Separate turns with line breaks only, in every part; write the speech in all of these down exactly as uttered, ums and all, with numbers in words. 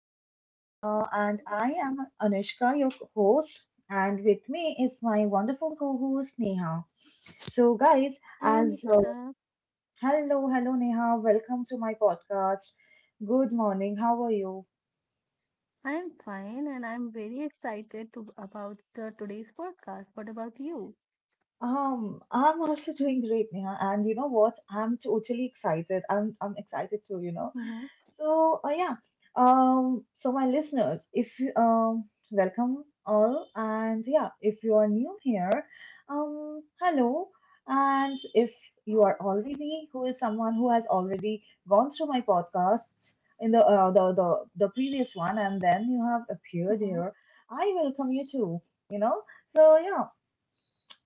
everyone, uh, and I am Anushka, your host, and with me is my wonderful co-host Neha. So guys,
Hi
as uh,
Anushka,
hello, hello Neha, welcome to my podcast. Good morning. How are you?
I'm fine and I'm very excited to about the today's podcast. What about you?
Um, I'm also doing great, Neha, and you know what? I'm totally excited. I'm I'm excited too. You know.
Mm-hmm.
So uh, yeah, um, so my listeners, if you um, welcome all, and yeah, if you are new here, um, hello, and if you are already who is someone who has already gone through my podcasts in the uh, the the the previous one, and then you have appeared
Mm-hmm.
here, I welcome you too. You know, so yeah,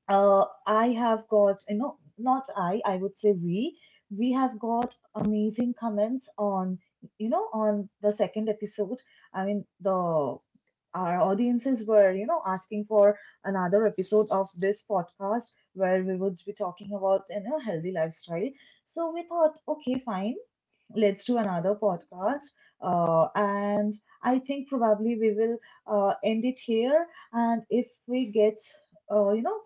uh, I have got, you know, not I, I would say we, we have got amazing comments on, you know, on the second episode. I mean, the our audiences were, you know, asking for another episode of this podcast where we would be talking about, you know, healthy lifestyle. So we thought, okay, fine, let's do another podcast. Uh, and I think probably we will uh, end it here. And if we get, uh, you know,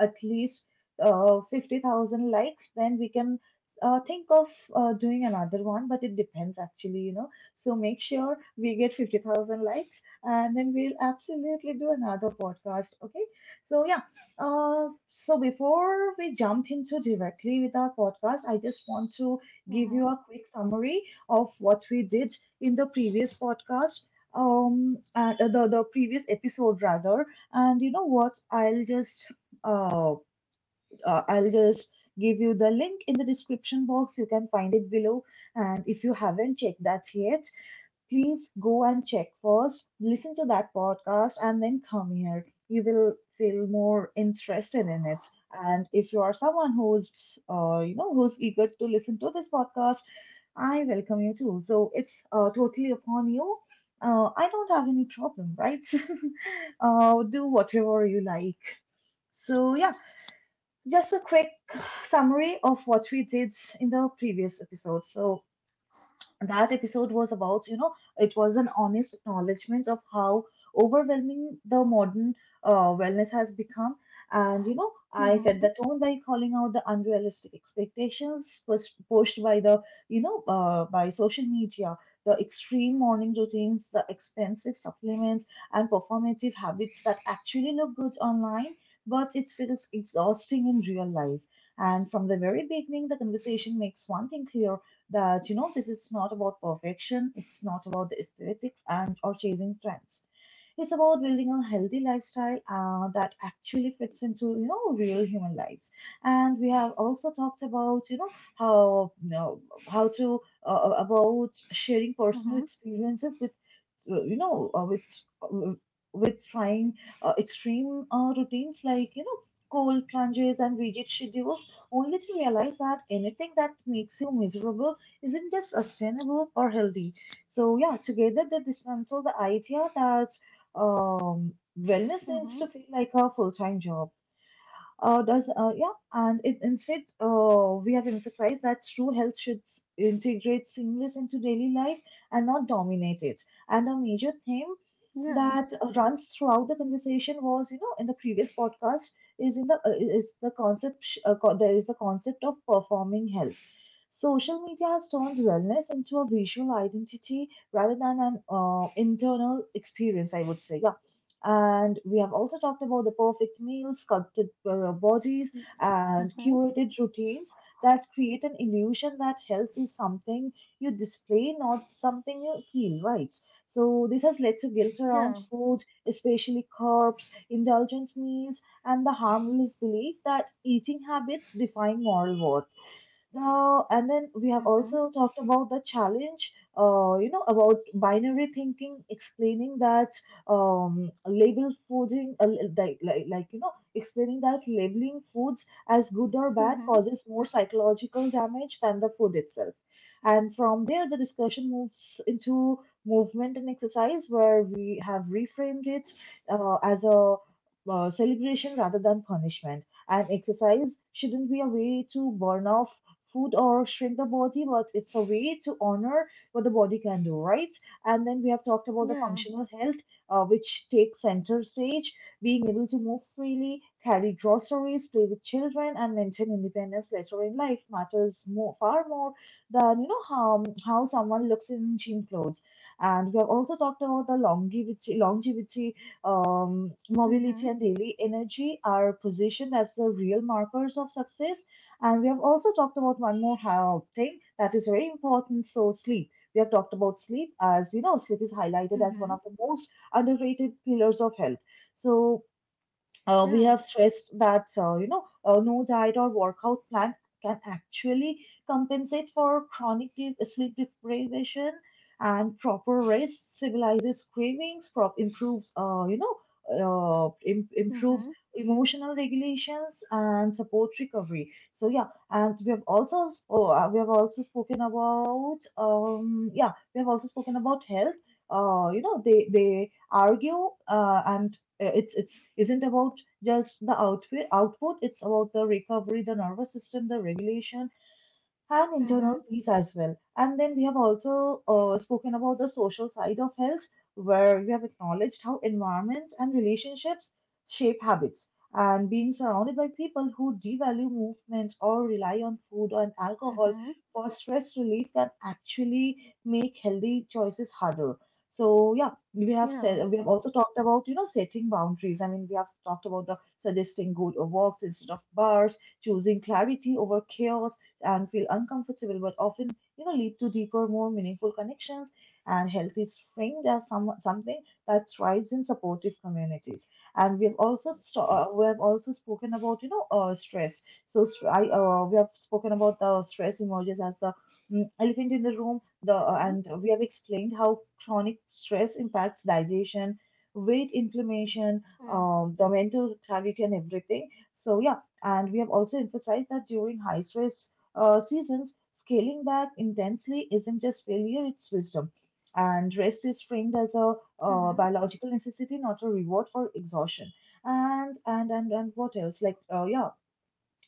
at least uh, fifty thousand likes, then we can uh, think of uh, doing another one. But it depends actually, you know. So make sure we get fifty thousand likes and then we'll absolutely do another podcast. Okay. So, yeah. Uh, so before we jump into directly with our podcast, I just want to give
Mm-hmm.
you a quick summary of what we did in the previous podcast um and uh, the, the previous episode rather, and you know what i'll just uh, uh i'll just give you the link in the description box. You can find it below, and if you haven't checked that yet, please go and check first, listen to that podcast and then come here, you will feel more interested in it. And if you are someone who's uh, you know, who's eager to listen to this podcast, I welcome you too. So it's uh, totally upon you. Uh, I don't have any problem, right? Uh, do whatever you like. So, yeah, just a quick summary of what we did in the previous episode. So, that episode was about, you know, it was an honest acknowledgement of how overwhelming the modern uh, wellness has become, and you know, I
Mm-hmm.
set the tone by calling out the unrealistic expectations pus- pushed by the, you know, uh, by social media, the extreme morning routines, the expensive supplements, and performative habits that actually look good online but it feels exhausting in real life. And from the very beginning, the conversation makes one thing clear, that you know, this is not about perfection, it's not about the aesthetics and or chasing trends. It's about building a healthy lifestyle uh, that actually fits into, you know, real human lives. And we have also talked about, you know, how, you know, how to uh, uh, about sharing
Mm-hmm.
personal experiences with uh, you know, uh, with uh, with trying uh, extreme uh, routines like, you know, cold plunges and rigid schedules, only to realize that anything that makes you miserable isn't just sustainable or healthy. So yeah, together they dismantle the idea that um, wellness
Mm-hmm.
needs to feel like a full-time job. Uh, does uh, yeah, and it, instead, uh, we have emphasized that true health should s- integrate seamless into daily life and not dominate it. And a major theme
Yeah.
that uh, runs throughout the conversation was, you know, in the previous podcast, is in the uh, is the concept, uh, co- there is the concept of performing health. Social media has turned wellness into a visual identity rather than an uh, internal experience, I would say. Yeah. And we have also talked about the perfect meals, sculpted uh, bodies, and
Mm-hmm.
curated routines that create an illusion that health is something you display, not something you feel, right? So, this has led to guilt
Yeah.
around food, especially carbs, indulgent meals, and the harmless belief that eating habits define moral worth. Now, and then we have
Mm-hmm.
also talked about the challenge, uh, you know, about binary thinking, explaining that um, label fooding, uh, like, like, like, you know, explaining that labeling foods as good or bad
Mm-hmm.
causes more psychological damage than the food itself. And from there, the discussion moves into movement and exercise, where we have reframed it uh, as a uh, celebration rather than punishment. And exercise shouldn't be a way to burn off food or shrink the body, but it's a way to honor what the body can do, right? And then we have talked about the
Yeah.
functional health, uh, which takes center stage. Being able to move freely, carry groceries, play with children, and maintain independence later in life matters more, far more than, you know, how how someone looks in gym clothes. And we have also talked about the longevity, longevity, um, mobility,
Mm-hmm.
and daily energy are positioned as the real markers of success. And we have also talked about one more ha- thing that is very important. So sleep. We have talked about sleep as, you know, sleep is highlighted as one
Mm-hmm.
of the most underrated pillars of health. So uh, we
Yeah.
have stressed that, uh, you know, uh, no diet or workout plan can actually compensate for chronic de- sleep deprivation, and proper rest civilizes cravings, prop- improves, uh, you know, uh, im- improves
Mm-hmm.
emotional regulations and support recovery. So yeah, and we have also oh, uh, we have also spoken about um yeah, we have also spoken about health. Uh, you know, they they argue, uh, and uh, it's, it's isn't about just the outfit output, it's about the recovery, the nervous system, the regulation, and internal
Mm-hmm.
peace as well. And then we have also uh, spoken about the social side of health, where we have acknowledged how environment and relationships shape habits. And being surrounded by people who devalue movement or rely on food and
Mm-hmm.
alcohol for stress relief can actually make healthy choices harder. So yeah, we have
Yeah.
said, we have also talked about, you know, setting boundaries. I mean, we have talked about the suggesting good walks instead of bars, choosing clarity over chaos, and feel uncomfortable, but often, you know, lead to deeper, more meaningful connections. And health is framed as some, something that thrives in supportive communities. And we have also st- uh, we have also spoken about, you know, uh, stress. So st- I, uh, we have spoken about the stress emerges as the mm, elephant in the room. The uh,
Mm-hmm.
and we have explained how chronic stress impacts digestion, weight inflammation,
Mm-hmm.
um, the mental clarity, and everything. So yeah, and we have also emphasized that during high stress uh, seasons, scaling back intensely isn't just failure, it's wisdom. And rest is framed as a uh,
Mm-hmm.
biological necessity, not a reward for exhaustion. And and and and what else? Like uh, yeah,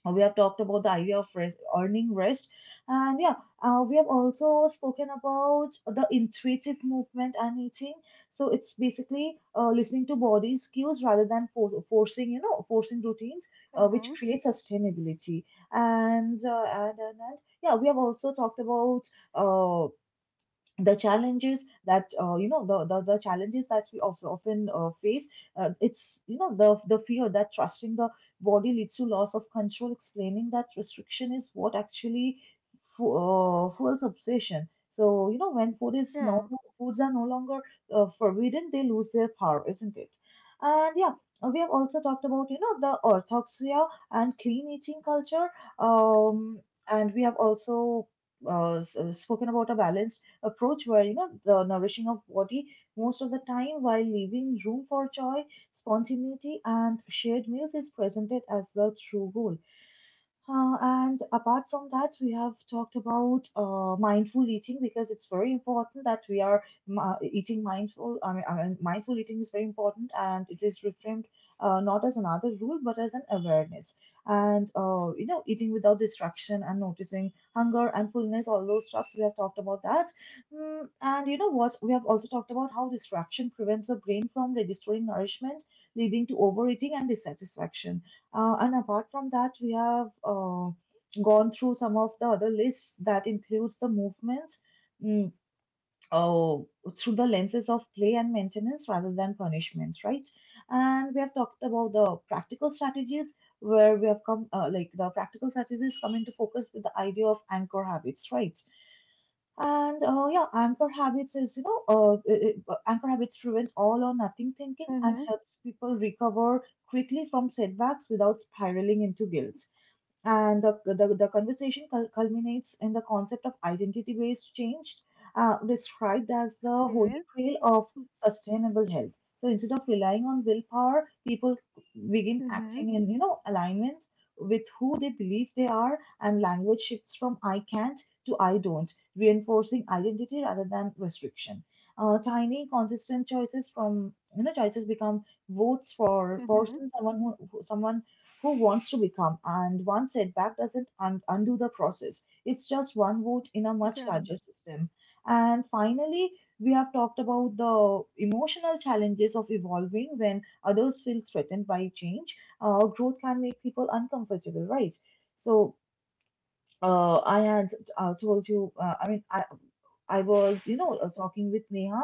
uh, we have talked about the idea of rest, earning rest, and yeah, uh, we have also spoken about the intuitive movement and eating. So it's basically uh, listening to body's cues rather than for- forcing, you know, forcing routines, uh, which
Mm-hmm,
create sustainability. And, uh, and and and yeah, we have also talked about uh, the challenges that, uh, you know, the, the the challenges that we of, often uh, face. Uh, it's, you know, the the fear that trusting the body leads to loss of control, explaining that restriction is what actually fu- uh, fuels obsession. So you know, when food is no,
yeah.
foods are no longer uh, forbidden, they lose their power, isn't it? And yeah, we have also talked about, you know, the orthoxia and clean eating culture. um and we have also uh, s- uh, spoken about a balanced approach, where you know, the nourishing of body most of the time while leaving room for joy, spontaneity and shared meals is presented as the true goal. Uh, and apart from that, we have talked about uh, mindful eating, because it's very important that we are m- uh, eating mindful. I mean, I mean, mindful eating is very important and it is reframed uh, not as another rule but as an awareness. And, uh, you know, eating without distraction and noticing hunger and fullness, all those stuffs, we have talked about that. Mm, and, you know what, we have also talked about how distraction prevents the brain from registering nourishment, leading to overeating and dissatisfaction. Uh, and apart from that, we have uh, gone through some of the other lists that includes the movements, mm, uh, through the lenses of play and maintenance rather than punishments, right? And we have talked about the practical strategies, where we have come, uh, like the practical strategies come into focus with the idea of anchor habits, right? And uh, yeah, anchor habits is, you know, uh, i- i- uh, anchor habits prevent all or nothing thinking and
Mm-hmm.
helps people recover quickly from setbacks without spiraling into guilt and the, the, the conversation cul- culminates in the concept of identity based change, uh, described as the holy
Okay.
grail of sustainable health. So instead of relying on willpower, people begin
Mm-hmm.
acting in you know alignment with who they believe they are, and language shifts from "I can't" to "I don't," reinforcing identity rather than restriction. Uh, tiny, consistent choices from you know choices become votes for
Mm-hmm.
person, someone who who- someone who wants to become, and one setback doesn't un- undo the process. It's just one vote in a much
Yeah.
larger system. And finally, we have talked about the emotional challenges of evolving when others feel threatened by change. Uh, growth can make people uncomfortable, right? So, uh, I had uh, told you, uh, I mean, I, I was, you know, uh, talking with Neha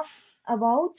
about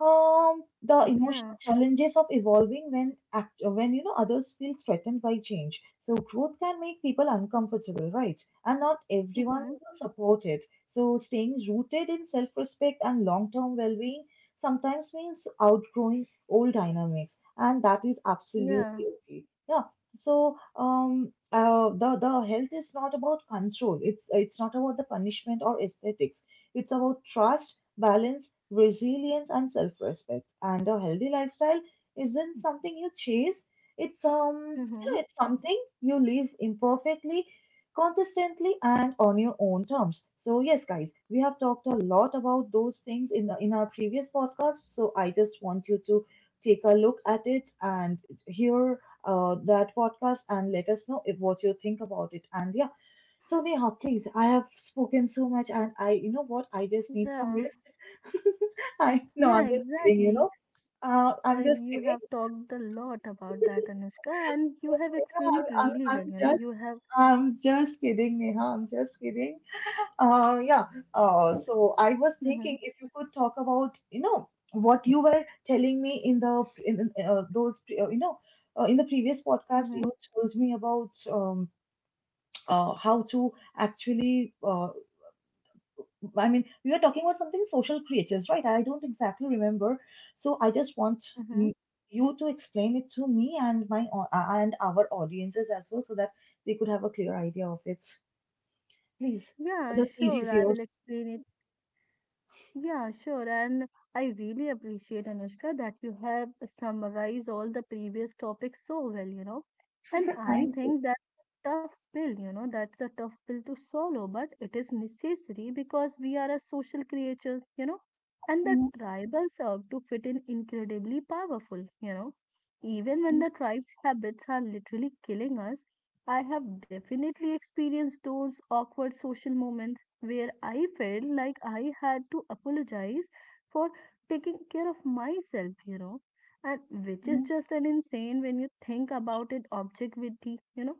um, the emotional
Yeah.
challenges of evolving when act when you know others feel threatened by change. So growth can make people uncomfortable, right? And not
Mm-hmm.
everyone will support it. So staying rooted in self-respect and long-term well-being sometimes means outgrowing old dynamics, and that is absolutely
Yeah.
okay. Yeah. So um, uh, the the health is not about control. It's it's not about the punishment or aesthetics. It's about trust, balance resilience, and self respect. And a healthy lifestyle isn't something you chase. It's um you know
Mm-hmm.
it's something you live imperfectly, consistently, and on your own terms. So yes, guys, we have talked a lot about those things in the, in our previous podcast. So I just want you to take a look at it and hear uh, that podcast and let us know if what you think about it. And yeah, so Neha, please, I have spoken so much and I, you know what, I just need some
Yeah,
rest. I no,
yeah,
I'm just kidding, you
exactly.
know. Uh,
Uh,
I'm just
you
kidding.
have talked a lot about that, Anushka, and you have
Yeah,
explained
I'm,
it
I'm,
really
I'm
well. You know,
just
you have.
I'm just kidding, Neha. I'm just kidding. Uh, yeah. Uh, so I was
Mm-hmm,
thinking if you could talk about, you know, what you were telling me in the in uh, those uh, you know uh, in the previous podcast you
mm-hmm,
told me about um, uh, how to actually uh, I mean, we are talking about something social creators, right? I don't exactly remember. So I just want
mm-hmm.
mm, you to explain it to me and my au- uh, and our audiences as well, so that they could have a clear idea of it. Please,
Yeah,
the stage
sure.
is
I will
yours.
explain it. Yeah, sure. And I really appreciate, Anushka, that you have summarized all the previous topics so well, you know. And I
Thank you.
think that's a tough pill, you know, that's a tough pill to swallow, but it is necessary because we are a social creature, you know. And the
Mhm,
tribal serve to fit in incredibly powerful, you know. Even when
mhm,
the tribe's habits are literally killing us, I have definitely experienced those awkward social moments where I felt like I had to apologize for taking care of myself, you know, and which is just an insane when you think about it objectively, you know.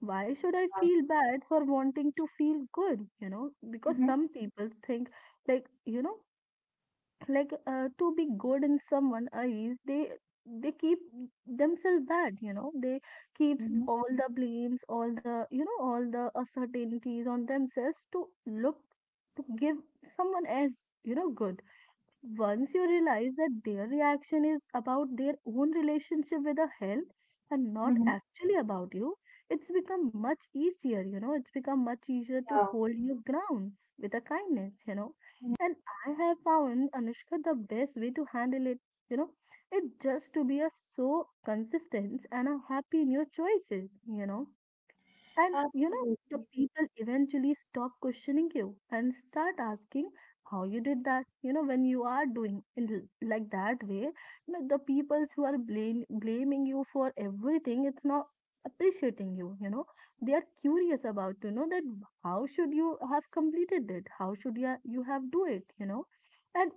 Why should I feel bad for wanting to feel good, you know? Because
mhm,
some people think, like, you know, like uh, to be good in someone eyes, they they keep themselves bad, you know, they
mhm,
keeps
mhm,
all the blames, all the, you know, all the uncertainties on themselves to look, to give someone else, you know, good. Once you realize that their reaction is about their own relationship with the health and not
mhm.
actually about you, it's become much easier, you know, it's become much easier to
Yeah,
hold your ground with a kindness, you know. And I have found, Anushka, the best way to handle it, you know, it just to be a so consistent and a happy in your choices, you know. And you know, the
absolutely.
people eventually stop questioning you and start asking how you did that. You know, when you are doing in l- like that way, you know, the people who are blame, blaming you for everything, it's not appreciating you, you know. They are curious about to know that how should you have completed it? How should you, you have do it, you know? And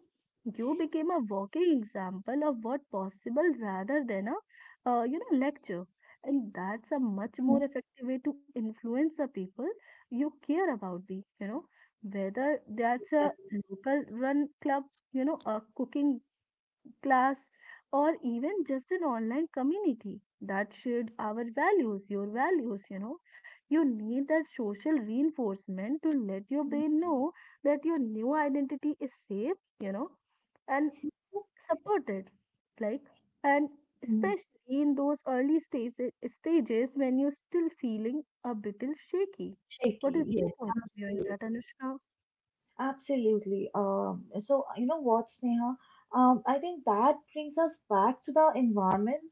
you became a walking example of what possible rather than a, uh, you know, lecture, and that's a much more
Mhm,
effective way to influence the people you care about, the, you know, whether that's a
exactly.
local run club, you know, a cooking class, or even just an online community that shared our values, your values, you know. You need that social reinforcement to let your brain know that your new identity is safe, you know, and supported. Like, and
Mhm,
especially in those early stages, stages when you're still feeling a little shaky. What is
Shaky,
your
yes.
point of view in that, Anushka?
Absolutely. Um, so, you know what, Sneha? Um, I think that brings us back to the environment.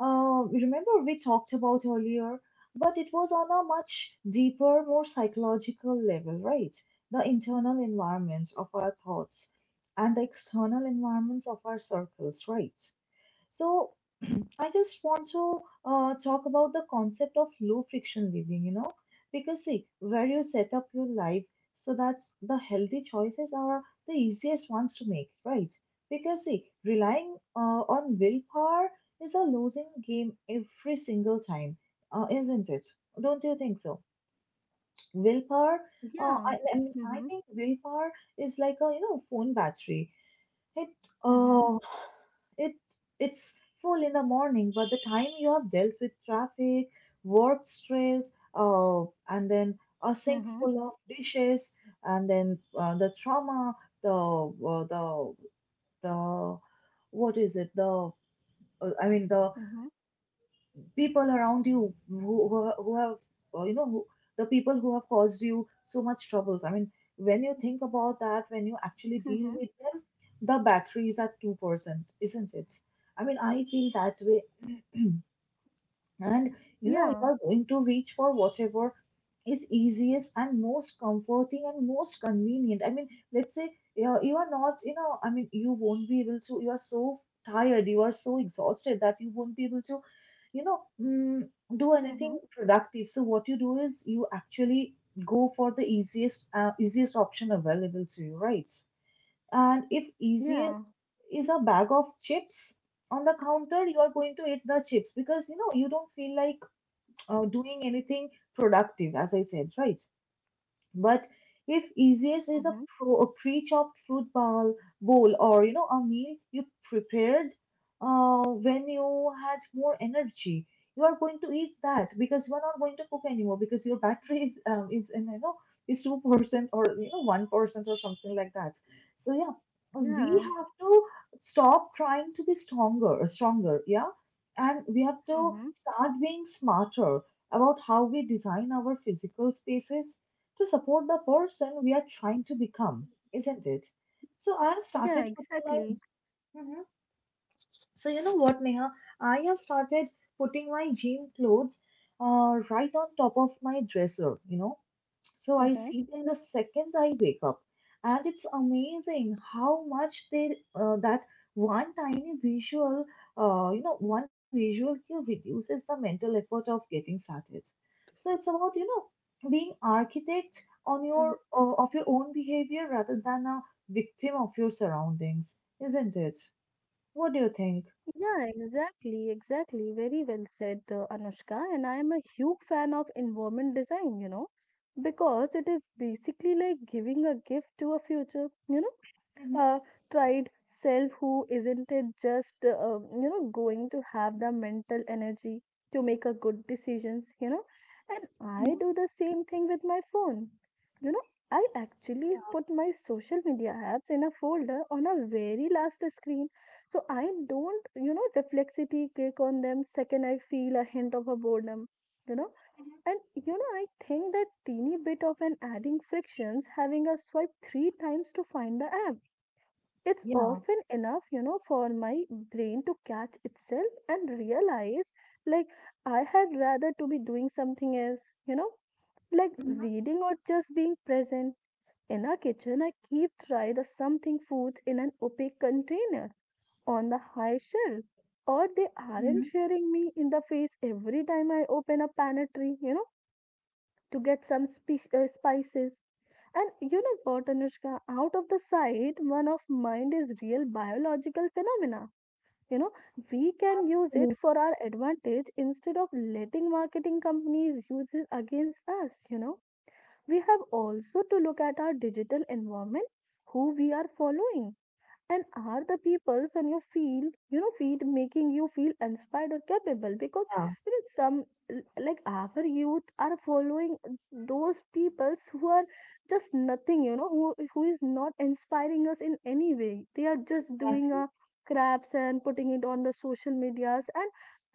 Uh, remember, we talked about earlier, but it was on a much deeper, more psychological level, right? The internal environments of our thoughts and the external environments of our circles, right? So, I just want to uh, talk about the concept of low friction living, you know, because see, where you set up your life so that the healthy choices are the easiest ones to make, right? Because see, relying uh, on willpower is a losing game every single time, uh, isn't it? Don't you think so? Willpower, uh,
Yeah.
I, I mean, I
Mm-hmm.
think willpower is like a, you know, phone battery it
Mm-hmm.
oh it it's full in the morning, but the time you have dealt with traffic, work stress, uh, and then a sink
Mm-hmm.
full of dishes, and then uh, the trauma, the uh, the the what is it? The uh, I mean the
Mm-hmm.
people around you who, who, who have, uh, you know, who, the people who have caused you so much troubles. I mean, when you think about that, when you actually
Mm-hmm.
deal with them, the batteries are two percent, isn't it? I mean, I feel that way and you know you
Yeah.
are going to reach for whatever is easiest and most comforting and most convenient. I mean let's say you are, you are not, you know i mean you won't be able to, you are so tired, you are so exhausted that you won't be able to you know mm, do
Mm-hmm.
anything productive. So what you do is you actually go for the easiest uh, easiest option available to you, right? And if
Yeah.
easiest is a bag of chips on the counter, you are going to eat the chips because you know you don't feel like uh, doing anything productive, as I said, right? But if easiest is a,
Mm-hmm.
pro, a pre-chopped fruit bowl, bowl or you know a meal you prepared uh, when you had more energy, you are going to eat that because you are not going to cook anymore because your battery is um, is in you know is two percent or you know one percent or something like that. So yeah, we
Yeah.
have to stop trying to be stronger, stronger, yeah, and we have to
Mm-hmm.
start being smarter about how we design our physical spaces to support the person we are trying to become, isn't it? So I have started
Yeah,
putting my
exactly.
Mhm. So you know what, Neha, I have started putting my gym clothes uh, right on top of my dresser. You know, so I
Mm-hmm.
sleep in the seconds I wake up. And it's amazing how much they, uh, that one tiny visual, uh, you know, one tiny visual cue reduces the mental effort of getting started. So it's about, you know, being architect
Hmm.
on your, uh, of your own behavior rather than a victim of your surroundings, isn't it? What do you think?
Yeah, exactly. Exactly. Very well said, uh, Anushka. And I am a huge fan of environment design, you know, because it is basically like giving a gift to a future, you know.
Hmm.
uh, Tried self who isn't it just uh, um, you know, going to have the mental energy to make a good decisions, you know. And
Hmm.
I do the same thing with my phone, you know. I actually put my social media apps in a folder on a very last screen, so I don't, you know, reflexively click on them second I feel a hint of a boredom, you know. And you know, I think that teeny bit of an adding frictions having a swipe three times to find the app. It's
Yeah.
often enough, you know, for my brain to catch itself and realize, like, I had rather to be doing something else, you know, like reading or just being present. In our kitchen, I keep try the something foods in an opaque container on the high shelf. Or they aren't
Mhm.
sharing me in the face every time I open a pantry, you know, to get some spe- uh, spices. And you know what, Anushka, out of the sight, one of mind is real biological phenomena. You know, we can use it
Mhm.
for our advantage instead of letting marketing companies use it against us, you know. We have also to look at our digital environment, who we are following, and are the peoples on your field, you know, feet making you feel inspired or capable? Because
Yeah,
you know, some l- like our youth are following those peoples who are just nothing, you know, who who is not inspiring us in any way. They are just doing
exactly.
a craps and putting it on the social medias, and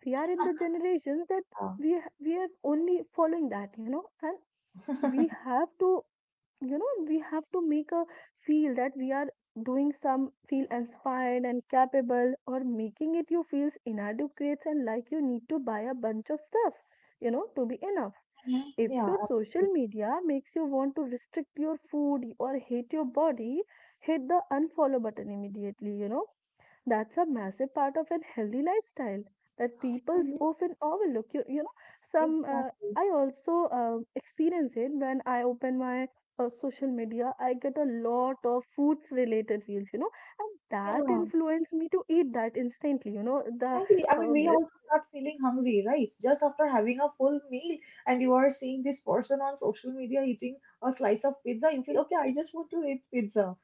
we are in the generations that
Yeah.
we ha- we are only following that, you know. And we have to, you know, we have to make a feel that we are doing some feel inspired and capable, or making it you feels inadequate and like you need to buy a bunch of stuff, you know, to be enough. If
Yeah,
your social media makes you want to restrict your food or hate your body, hit the unfollow button immediately, you know. That's a massive part of a healthy lifestyle that people
absolutely.
often overlook you, you know. Some uh,
Exactly.
I also uh, experience it when I open my uh, social media. I get a lot of foods related reels, you know, and that
Yeah,
influenced me to eat that instantly, you know. The
exactly. I mean,
um,
we also start feeling hungry, right? Just after having a full meal and you are seeing this person on social media eating a slice of pizza, you feel, okay, I just want to eat pizza.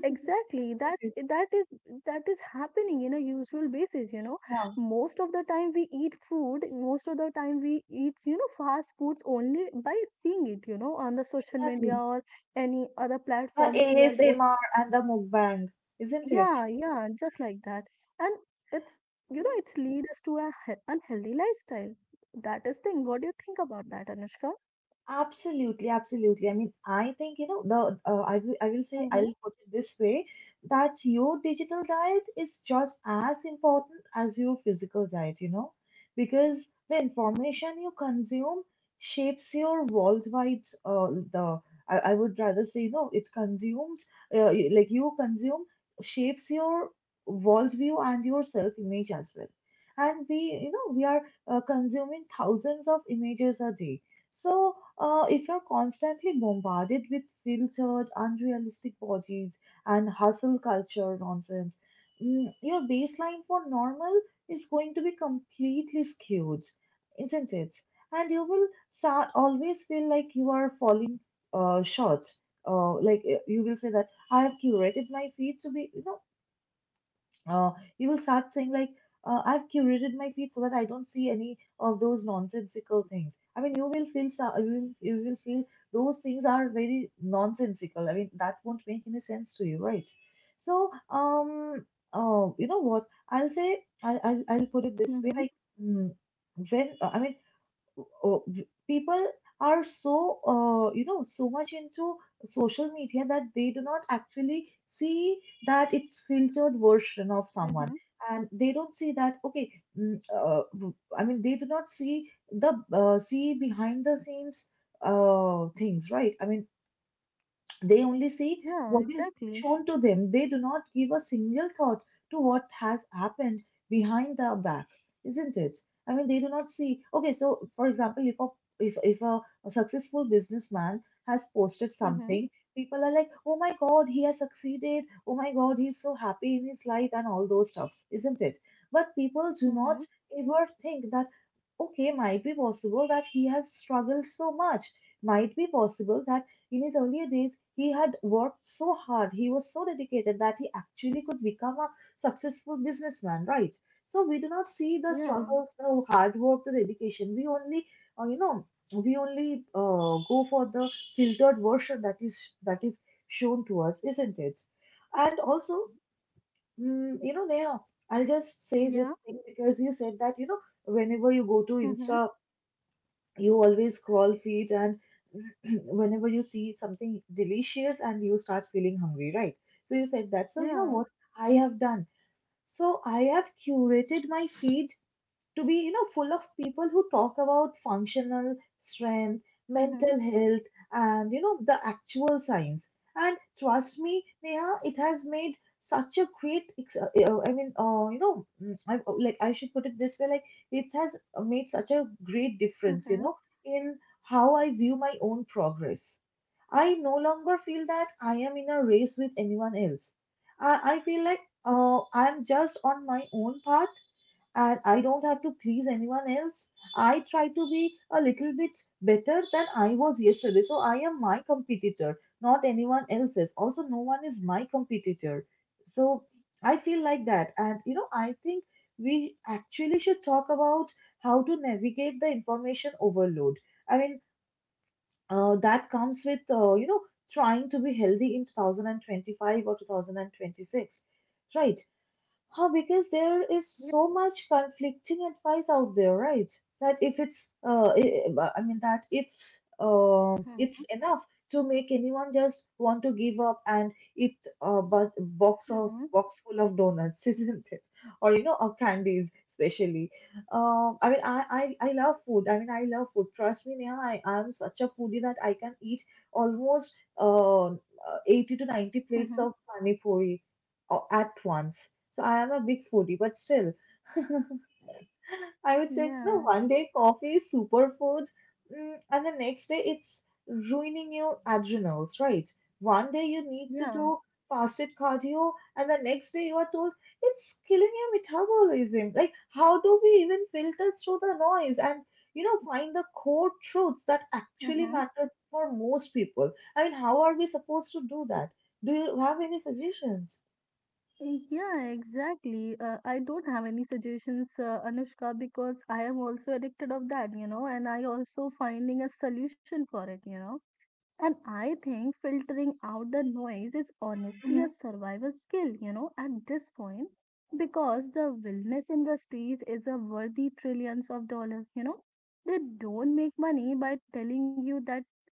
exactly. That's, that is, that is happening in a usual basis, you know.
Yeah,
Most of the time we eat food, most of the time we eat, you know, fast foods only by seeing it, you know, on the social media
exactly.
or any other
The
platforms we are going.
A S M R and the mukbang, isn't it?
Yeah, yeah, just like that. And it's, you know,
Mm-hmm.
it's lead us to a he- unhealthy lifestyle. That is thing. What do you think about that, Anushka?
Absolutely, absolutely. I mean, I think, you know, the uh, I will, I will say,
Mm-hmm.
I'll put it this way that your digital diet is just as important as your physical diet, you know, because the information you consume shapes your worldwide uh, the I, I would rather say, you know, it consumes uh, y- like you consume shapes your worldview and your self-image as well. And we, you know, we are uh, consuming thousands of images a day. So, uh, if you're constantly bombarded with filtered, unrealistic bodies and hustle culture nonsense, mm, your baseline for normal is going to be completely skewed, isn't it? And you will start always feel like you are falling uh, short. Uh, like uh, you will say that I have curated my feed to be, you know, uh, you will start saying like uh, I've curated my feed so that I don't see any of those nonsensical things. I mean you will feel so- you will, you will feel those things are very nonsensical. I mean that won't make any sense to you, right? So um uh, you know what, I'll say I, I I'll put it this way,
Mm-hmm.
like mm, when uh, I mean oh, people are so uh, you know so much into social media that they do not actually see that it's filtered version of
Mm-hmm.
someone and they don't see that okay mm, uh, w- i mean they do not see the uh, see behind the scenes uh, things, right? I mean they only see
Yeah,
what is
exactly.
shown to them. They do not give a single thought to what has happened behind their back, isn't it? I mean, they do not see. Okay, so for example, if a if, if a, a successful businessman has posted
Mm-hmm.
something, people are like, "Oh my God, he has succeeded! Oh my God, he's so happy in his life," and all those stuffs, isn't it? But people do not
Mm-hmm.
ever think that okay, might be possible that he has struggled so much. Might be possible that in his earlier days he had worked so hard, he was so dedicated that he actually could become a successful businessman, right? So we do not see the
Yeah.
struggles, the hard work, the dedication. We only, uh, you know, we only uh, go for the filtered version that is that is shown to us, isn't it? And also, mm, you know, Neha, I'll just say this
Yeah.
thing because you said that you know whenever you go to
Mm-hmm.
Insta, you always crawl feet, and whenever you see something delicious and you start feeling hungry, right? So you said that, so you know
Yeah.
what I have done? So I have curated my feed to be, you know full of people who talk about functional strength,
Mhm.
mental health, and you know the actual science. And trust me, Neha, it has made such a great ex- uh, uh, I mean, uh, you know mm, I, uh, like I should put it this way. Like it has uh, made such a great difference, you
Mhm.
know in how I view my own progress. I no longer feel that I am in a race with anyone else. I, I feel like uh, I'm just on my own path, and I don't have to please anyone else. I try to be a little bit better than I was yesterday. So I am my competitor, not anyone else's. Also, no one is my competitor. So I feel like that. And, you know, I think we actually should talk about how to navigate the information overload. I mean, uh, that comes with, uh, you know, trying to be healthy in twenty twenty-five or twenty twenty-six, right? Oh, because there is so much conflicting advice out there, right? That if it's, uh, I I mean, that if uh,
Mhm.
it's enough to make anyone just want to give up and eat a bu- box of
Mhm.
box full of donuts, isn't it? Or you know, or candies, especially. Um, I mean, I, I I love food. I mean, I love food. Trust me, Neha, I I'm such a foodie that I can eat almost uh, eighty to ninety
Mhm.
plates of pani puri uh, at once, so I am a big foodie, but still, I would say, no,
Yeah.
one day coffee is superfood, mm, and the next day it's ruining your adrenals, right? One day you need to
Yeah.
do fasted cardio, and the next day you are told it's killing your metabolism. Like, how do we even filter through the noise and, you know, find the core truths that actually
Mhm.
matter for most people? I mean, how are we supposed to do that? Do you have any suggestions?
Yeah, exactly. Uh, I don't have any suggestions, uh, Anushka, because I am also addicted of that, you know, and I also finding a solution for it, you know. And I think filtering out the noise is honestly a
Mm-hmm.
survival skill, you know, at this point, because the wellness industries is a worthy trillions of dollars, you know. They don't make money by telling you that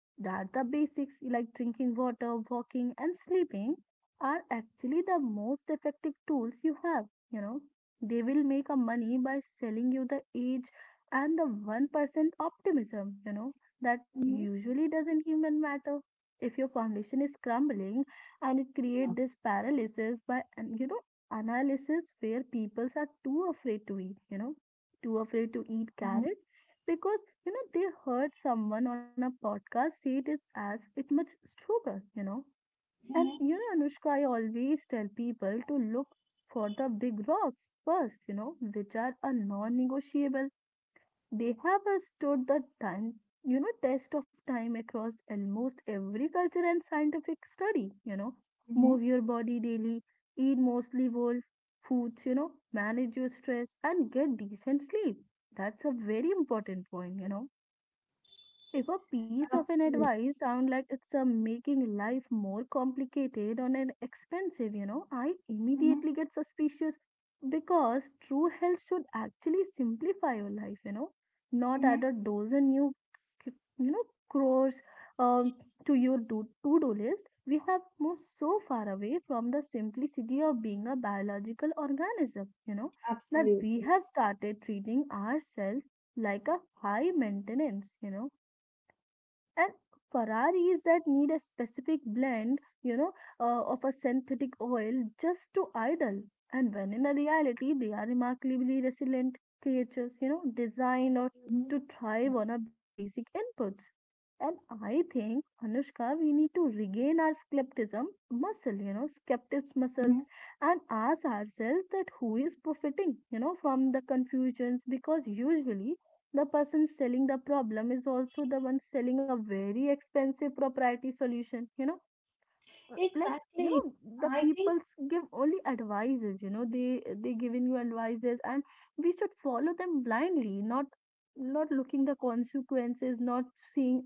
that the basics like drinking water, walking and sleeping are actually the most effective tools you have, you know. They will make a money by selling you the age and the one percent optimism, you know, that
Mm-hmm.
usually doesn't even matter if your foundation is crumbling. And it creates this paralysis by, and you know, analysis where people are too afraid to eat, you know, too afraid to eat
Yeah.
carrot because, you know, they heard someone on a podcast say it is as it much sugar, you know. And
Mhm,
you know, Anushka, I always tell people to look for the big rocks first, you know, which are a non-negotiable. They have uh, stood the time, you know, test of time across almost every culture and scientific study, you know.
mhm,
Move your body daily, eat mostly whole foods, you know, manage your stress and get decent sleep. That's a very important point, you know. If a piece of an
absolutely.
advice sound like it's uh, making life more complicated or an expensive, you know, I
Mhm,
immediately get suspicious, because true health should actually simplify your life, you know, not
mhm,
add a dozen new, c- you know, crores um, to your do- to-do list. We have moved so far away from the simplicity of being a biological organism, you know, that we
absolutely.
have started treating ourselves like a high maintenance, you know, and ferraris that need a specific blend, you know, uh, of a synthetic oil just to idle, and when in a reality they are remarkably resilient creatures, you know, designed or
Mhm,
to thrive on our basic inputs. And I think, Anushka, we need to regain our skepticism muscle, you know, skeptics muscles,
mhm.
and ask ourselves that who is profiting, you know, from the confusions, because usually the person selling the problem is also the one selling a very expensive proprietary solution, you know. Uh, like, you know,
Exactly.
the
I think
people give only advices, you know, they they giving you advices, and we should follow them blindly, not not looking the consequences, not seeing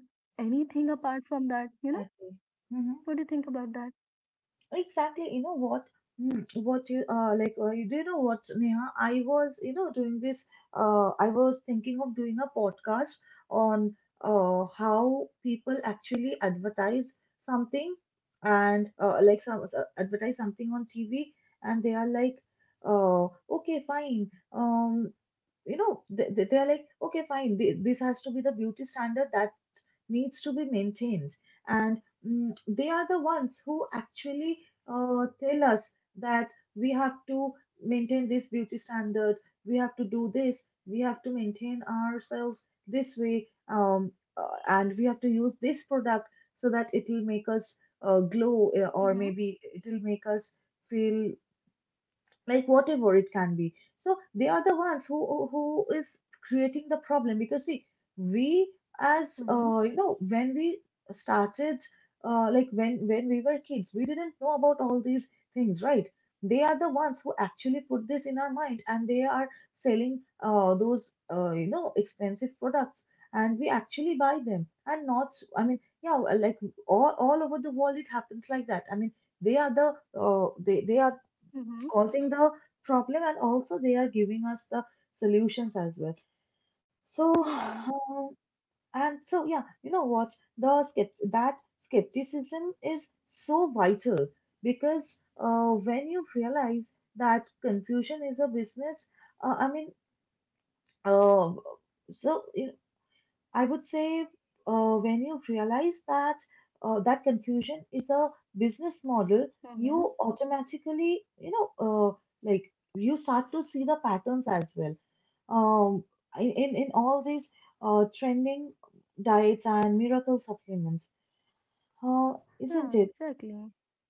anything apart from that, you know.
exactly. Hmm.
What do you think about that?
Exactly. You know what? Mm, What you uh like? Uh, you do you know what, Neha? I was you know doing this. Uh, I was thinking of doing a podcast on uh how people actually advertise something. And uh, like some uh, advertise something on T V, and they are like, uh, "Okay, fine." Um, you know they, they they are like, "Okay, fine, th- this has to be the beauty standard that needs to be maintained." And mm, they are the ones who actually uh, tell us that we have to maintain this beauty standard, we have to do this, we have to maintain ourselves this way, um, uh, and we have to use this product so that it will make us uh, glow uh, or
Mm-hmm,
maybe it will make us feel like whatever it can be. So they are the ones who who is creating the problem. Because see, we, as
mm-hmm,
uh, you know when we started uh, like when when we were kids, we didn't know about all these things, right? They are the ones who actually put this in our mind, and they are selling uh, those uh, you know expensive products, and we actually buy them. And not, I mean, yeah, like all, all over the world it happens like that. I mean, they are the uh, they, they are
mm-hmm.
causing the problem, and also they are giving us the solutions as well. so
Yeah.
um, and so, yeah, you know what? The skept- that skepticism is so vital, because uh, when you realize that confusion is a business. uh, I mean, uh, so I would say, uh, when you realize that uh, that confusion is a business model,
Mm-hmm.
you automatically, you know, uh, like you start to see the patterns as well. Um, in in in all these uh, trending diets and miracle supplements, uh,
Yeah,
isn't it?
exactly.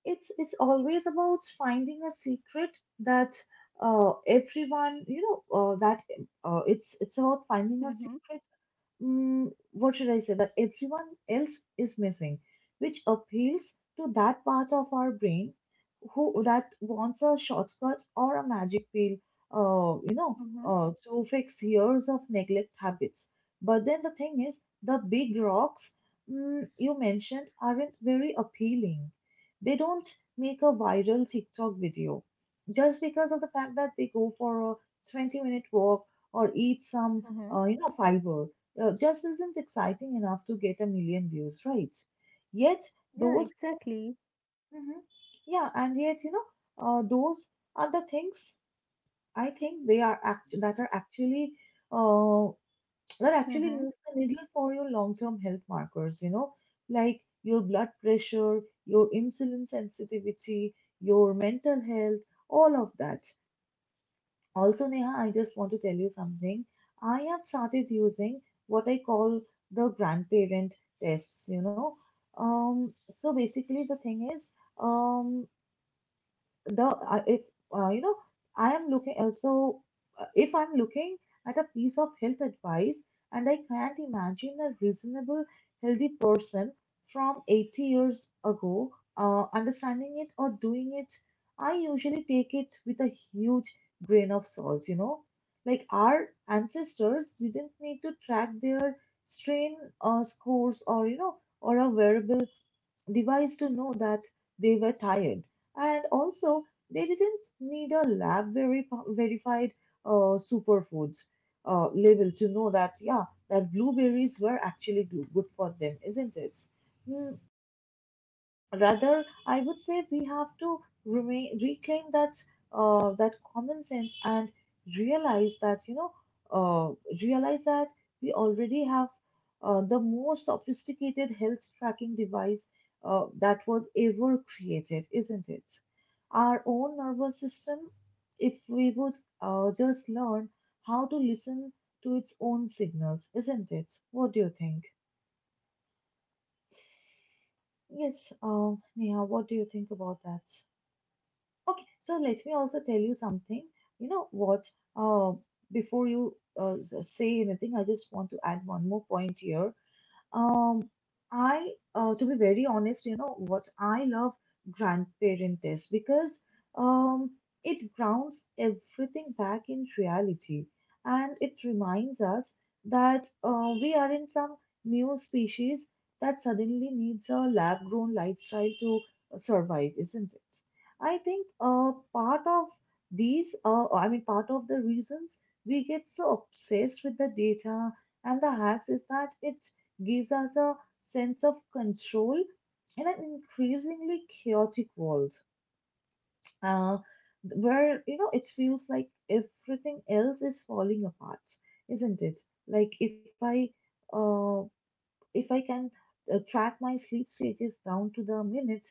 It's it's always about finding a secret that uh, everyone, you know, uh, that uh, it's it's about finding a
Mm-hmm,
secret. Mm, what should I say, that everyone else is missing, which appeals to that part of our brain who that wants a shortcut or a magic pill, uh, you know,
mm-hmm,
uh, to fix years of neglect habits. But then the thing is, the big rocks mm, you mentioned aren't very appealing. They don't make a viral TikTok video just because of the fact that they go for a twenty minute walk or eat some,
mm-hmm.
uh, you know, fiber uh, just isn't exciting enough to get a million views, right? Yet
Yeah,
those things.
exactly.
Mhm. Yeah, and yet, you know, uh, those are the things, I think, they are act that are actually uh, that actually
Mm-hmm.
move the needle for your long-term health markers. You know, like your blood pressure, your insulin sensitivity, your mental health, all of that. Also, Neha, I just want to tell you something. I have started using what I call the grandparent tests, you know. Um, so basically, the thing is, um, the uh, if uh, you know I am looking uh, so uh, if I'm looking at a piece of health advice and I can't imagine a reasonable healthy person from eighty years ago uh, understanding it or doing it. I usually take it with a huge grain of salt, you know like our ancestors didn't need to track their strain uh, scores or you know or a wearable device to know that they were tired. And also, they didn't need a lab veri- verified uh, superfoods uh, label to know that, yeah, that blueberries were actually goo- good for them, isn't it? Hmm, Rather, I would say we have to remain, reclaim that uh, that common sense and realize that you know uh, realize that we already have uh, the most sophisticated health tracking device uh, that was ever created, isn't it? Our own nervous system, if we would uh, just learn how to listen to its own signals, isn't it? What do you think? Yes, uh, Neha, what do you think about that? Okay, so let me also tell you something. You know what? Uh, Before you uh, s- say anything, I just want to add one more point here. Um, I, uh, to be very honest, you know what I love grandparent is because um, it grounds everything back in reality, and it reminds us that uh, we are in some new species that suddenly needs a lab-grown lifestyle to uh, survive, isn't it? I think uh, part of these, uh, I mean, part of the reasons we get so obsessed with the data and the hacks is that it gives us a sense of control in an increasingly chaotic world, uh, where you know it feels like everything else is falling apart, isn't it? Like if i uh, if I can uh, track my sleep stages down to the minute.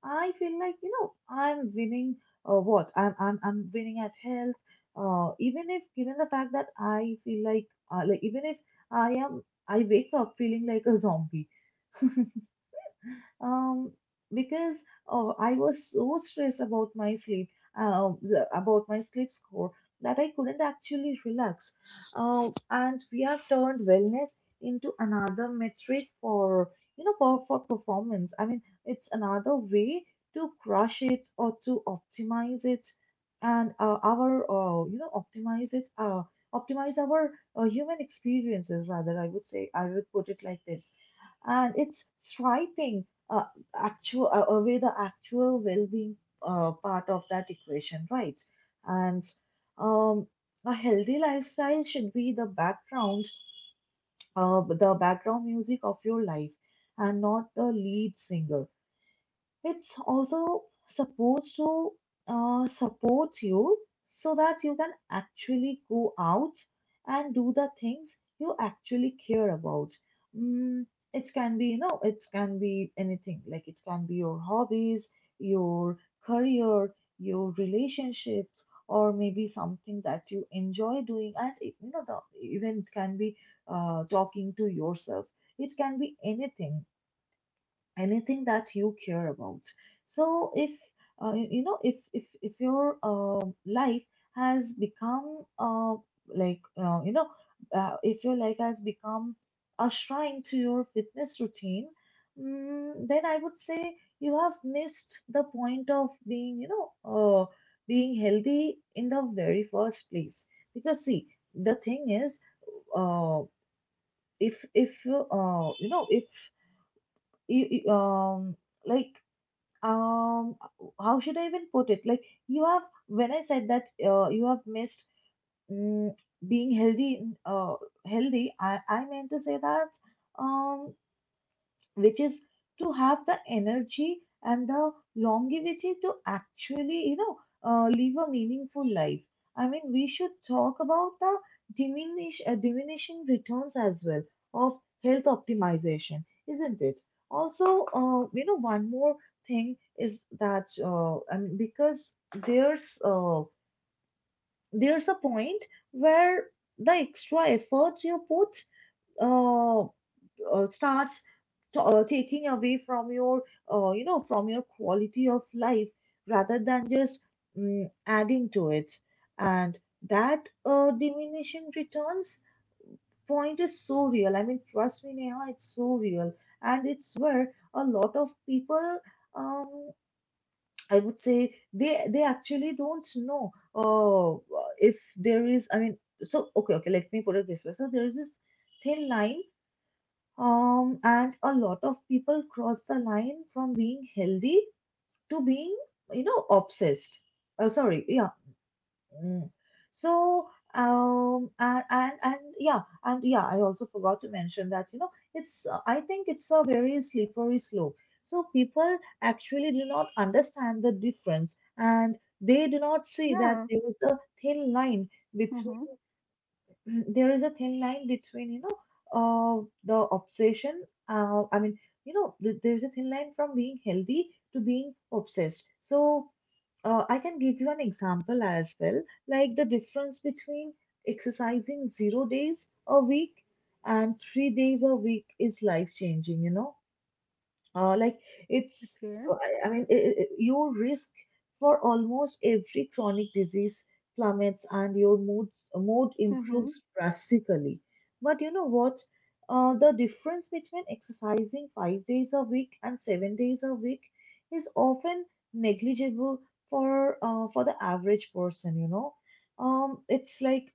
I feel like, you know I'm winning uh, what I'm, I'm I'm winning at health, uh, even if, given the fact that I feel like uh,, like even if I am I wake up feeling like a zombie. Um, because oh, I was so stressed about my sleep, uh, the- about my sleep score that I couldn't actually relax. Uh, and we have turned wellness into another metric for you know for, for performance. I mean, it's another way to crush it or to optimize it, and uh, our uh, you know optimize it uh, optimize our uh, human experiences rather. I would say I would put it like this, and it's striking uh, actual uh, away the actual well-being uh, part of that equation, right? And um, a healthy lifestyle should be the background uh, the background music of your life and not the lead singer. It's also supposed to uh, support you so that you can actually go out and do the things you actually care about. Mm, it can be, you know, it can be anything. Like, it can be your hobbies, your career, your relationships, or maybe something that you enjoy doing. And it- you know, the, Even it can be uh, talking to yourself. It can be anything anything that you care about. So if uh, you you know if if if your uh, life has become uh, like uh, you know uh, if your life has become a shrine to your fitness routine, mm, then I would say you have missed the point of being you know uh, being healthy in the very first place. Because see, the thing is, uh, if if you uh, you know if you, you, um like um how should I even put it like you have, when I said that uh, you have missed mm being healthy in- uh, healthy I I meant to say that um which is to have the energy and the longevity to actually, you know, uh, live a meaningful life. I mean, we should talk about the diminish, uh, diminishing returns as well of health optimization, isn't it? Also, uh, you know, one more thing is that uh, I mean, because there's uh, there's a point where the extra effort you put uh, uh, starts t- uh, taking away from your uh, you know from your quality of life rather than just mm, adding to it. And that uh, diminishing returns point is so real. I mean, trust me, Neha, it's so real, and it's where a lot of people, um, I would say they they actually don't know, uh, if there is, I mean, so okay okay let me put it this way. So there is this thin line, um, and a lot of people cross the line from being healthy to being, you know, obsessed. Oh, sorry, yeah. Mm. So, um, and, and and yeah, and yeah, I also forgot to mention that, you know, it's uh, I think it's a very slippery slope. So people actually do not understand the difference, and they do not see that
Yeah.
there is a thin line.
Mm-hmm.
There is a thin line between, you know, uh, the obsession, uh, i mean you know, th- there is a thin line from being healthy to being obsessed. So uh, I can give you an example as well, like the difference between exercising zero days a week and three days a week is life changing, you know. Uh, like it's
Okay.
uh, I I mean i i your risk for almost every chronic disease plummets, and your mood mood
Mhm.
improves drastically. But you know what? Uh, the difference between exercising five days a week and seven days a week is often negligible for uh, for the average person, you know. Um, it's like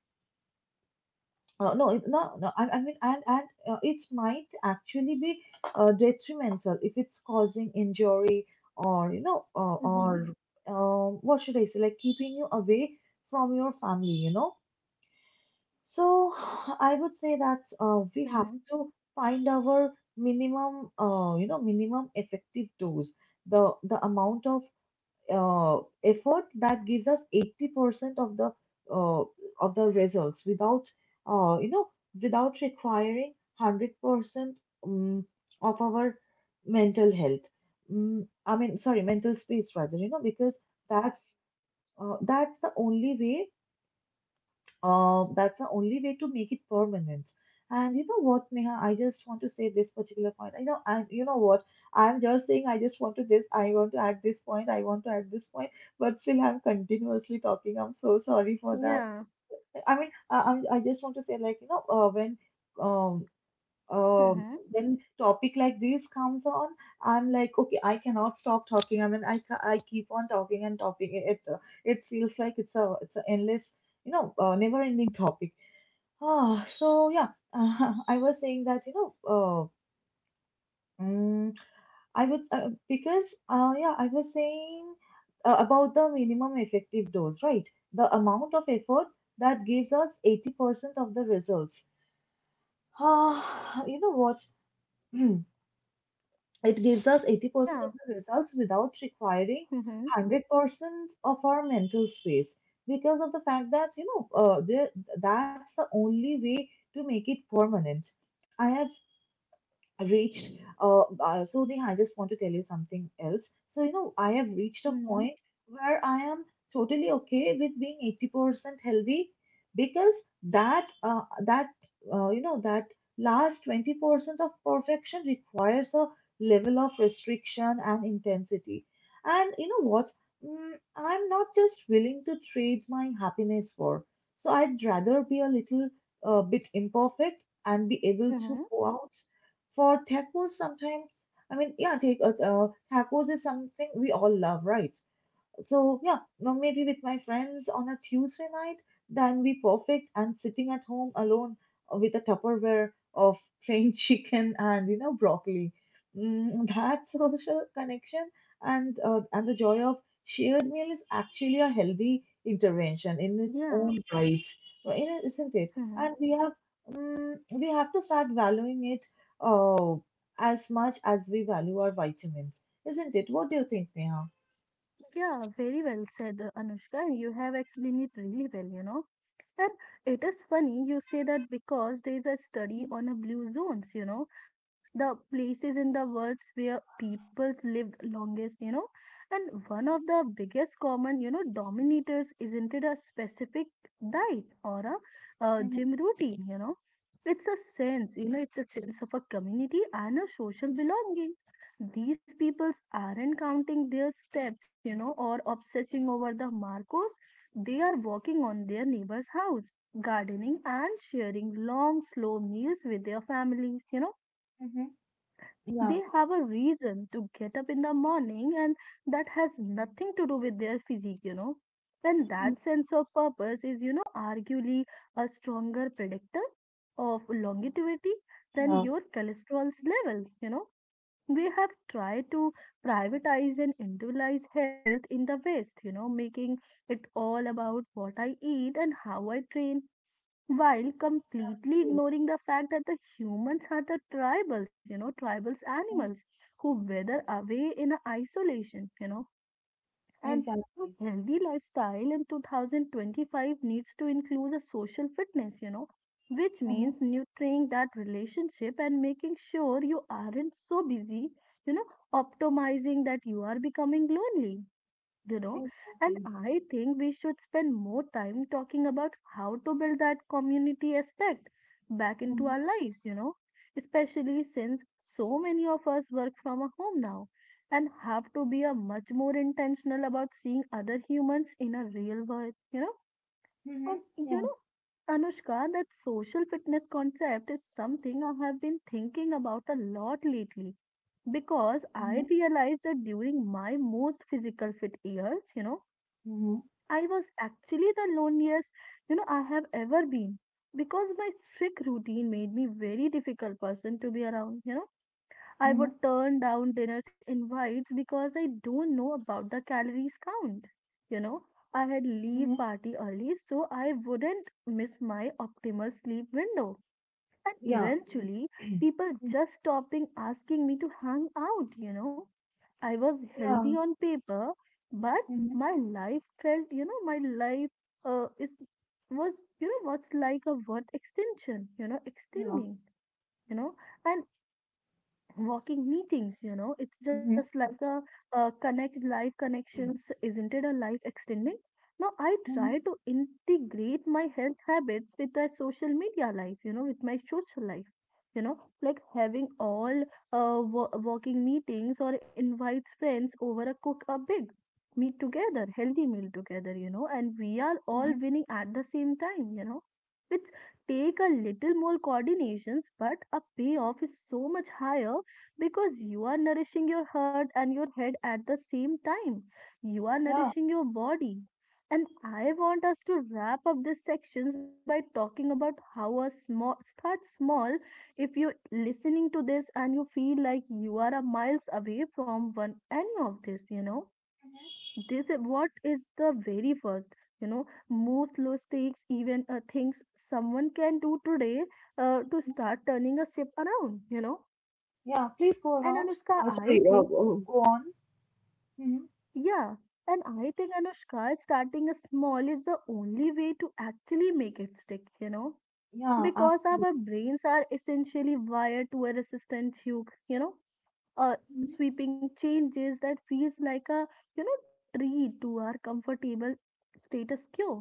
uh, No, it, no, no. I, I mean, and and uh, it might actually be uh, detrimental if it's causing injury or, you know, uh,
Mhm.
or, um, what should I say, like keeping you away from your family, you know. So I would say that uh, we have
Mhm.
to find our minimum, uh, you know, minimum effective dose, the the amount of uh, effort that gives us eighty percent of the uh, of the results without uh, you know without requiring one hundred percent, um, of our mental health. Mm, I mean, sorry, mental space rather, you know, because that's, uh, that's the only way. Um, that's the only way to make it permanent. And you know what, Neha, I just want to say this particular point. I know, and you know what, I'm just saying, I just want to this, I want to add this point, I want to add this point, but still I'm continuously talking. I'm so sorry for that.
Yeah.
I mean, I, I'm, I just want to say, like, you know, uh, when um um
Mhm.
when topic like this comes on, I'm like, okay, I cannot stop talking. I mean, I ca- I keep on talking and talking. It it, uh, it feels like it's a it's an endless, you know, uh, never ending topic. Ah, so yeah, I was saying that, you know, uh, mm, I would, uh, because uh, yeah, I was saying uh, about the minimum effective dose, right? The amount of effort that gives us eighty percent of the results. Ah, you know what? It gives us eighty percent
Yeah.
of the results without requiring
Mhm.
one hundred percent of our mental space, because of the fact that, you know, uh, there, that's the only way to make it permanent. I have reached, uh, uh so Neha, I just want to tell you something else. So you know, I have reached a
Mhm.
point where I am totally okay with being eighty percent healthy, because that uh, that uh, you know, that last twenty percent of perfection requires a level of restriction and intensity, and you know what, mm, I'm not just willing to trade my happiness for. So I'd rather be a little uh, bit imperfect and be able to
Mhm.
go out for tacos sometimes. I mean, yeah, take, uh, uh, tacos is something we all love, right? So yeah, no, maybe with my friends on a Tuesday night, that'd be perfect. And sitting at home alone uh, with a Tupperware of plain chicken and, you know, broccoli, mm, that social connection, and uh, and the joy of shared meal is actually a healthy intervention in its
Yeah.
own right, right? Isn't it? And
Mhm.
we have, mm, we have to start valuing it uh, as much as we value our vitamins, isn't it? What do you think, Neha?
Yeah. Very well said, uh, Anushka. You have explained it really well. You know. And it is funny you say that because there is a study on a blue zones, you know, the places in the world where peoples lived longest, you know. And one of the biggest common, you know, dominators isn't it a specific diet or a uh,
Mhm,
gym routine, you know. It's a sense, you know, it's a sense of a community and a social belonging. These peoples aren't counting their steps, you know, or obsessing over the markers they are walking on their neighbor's house, gardening and sharing long, slow meals with their families. You know,
mhm.
they
Yeah.
have a reason to get up in the morning, and that has nothing to do with their physique, you know. And
Mhm.
that sense of purpose is, you know, arguably a stronger predictor of longevity than
Yeah.
your cholesterol's level, you know we have tried to privatize and individualize health in the West, you know, making it all about what I eat and how I train, while completely
Correct.
ignoring the fact that the humans are the tribals, you know, tribals
Mhm.
animals who weather away in isolation, you know and
Exactly.
a healthy lifestyle in twenty twenty-five needs to include a social fitness, you know, which
Mhm.
means nurturing that relationship and making sure you aren't so busy, you know, optimizing that you are becoming lonely, you know. And
Exactly.
I think we should spend more time talking about how to build that community aspect back into
Mhm.
our lives, you know, especially since so many of us work from a home now and have to be a much more intentional about seeing other humans in a real world. You know and
Mhm.
you
Yeah.
know Anushka, that social fitness concept is something I have been thinking about a lot lately because I
Mhm.
realized that during my most physical fit years, you know
Mhm.
I was actually the loneliest you know I have ever been because my strict routine made me very difficult person to be around. you know I
Mhm.
would turn down dinner's invites because I don't know about the calories count. You know, I had leave
Mhm.
party early so I wouldn't miss my optimal sleep window. And
Yeah.
eventually, people
Mhm.
just stopping asking me to hang out, you know. I was
Yeah.
healthy on paper, but
Mhm.
my life felt, you know, my life uh, is was, you know, what's like a word extension, you know,
Yeah.
extending, you know. And walking meetings, you know it's just
Mhm.
like a, uh connect live connections isn't it a life extending. Now I try
Mhm.
to integrate my health habits with that social media life, you know with my social life, you know like having all uh wa- walking meetings or invites friends over a cook a big meet together healthy meal together, you know and we are all
Mhm.
winning at the same time. You know it's take a little more coordinations but a payoff is so much higher because you are nourishing your heart and your head at the same time. You are
Yeah.
nourishing your body. And I want us to wrap up these sections by talking about how a small start small. If you're listening to this and you feel like you are a miles away from one any of this, you know, this is what is the very first, you know, most low stakes even uh, things someone can do today uh, to
Mhm.
start turning a ship around, you know.
Yeah. Please
And
go around.
Anushka,
Uh,
I
sorry.
think.
Uh, uh, go on. Mhm.
Yeah, and I think Anushka, starting small is the only way to actually make it stick, you know,
Yeah.
because
Absolutely.
our brains are essentially wired to a resistant tube, you know uh,
Mhm.
sweeping changes that feels like a, you know treat to our comfortable status quo.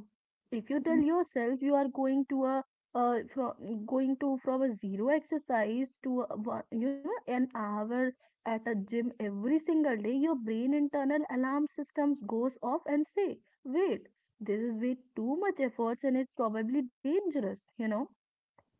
If you tell
Mhm.
yourself you are going to a, uh, from going to from a zero exercise to a, one- you know an hour at a gym every single day, your brain internal alarm systems goes off and say wait, this is way too much efforts and it's probably dangerous, you know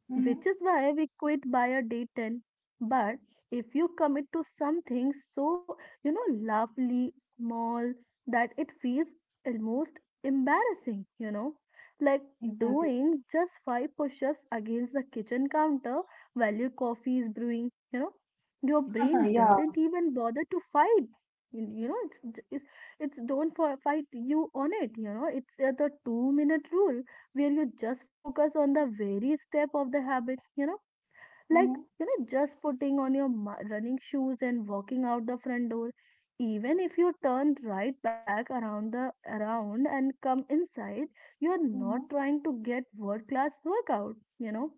which
Mhm.
is why we quit by a day ten. But if you commit to something so, you know, lovely, small, that it feels almost embarrassing, you know, like
Exactly.
doing just five push ups against the kitchen counter while your coffee is brewing, you know, your brain
Yeah.
doesn't even bother to fight. You you know, it's it's, it's don't for fight you on it. You know, it's uh, the two minute rule where you just focus on the very step of the habit, you know, like,
Mhm.
you know, just putting on your mu- running shoes and walking out the front door. Even if you turn right back around the around and come inside, you are not
Mhm.
trying to get world class workout, you know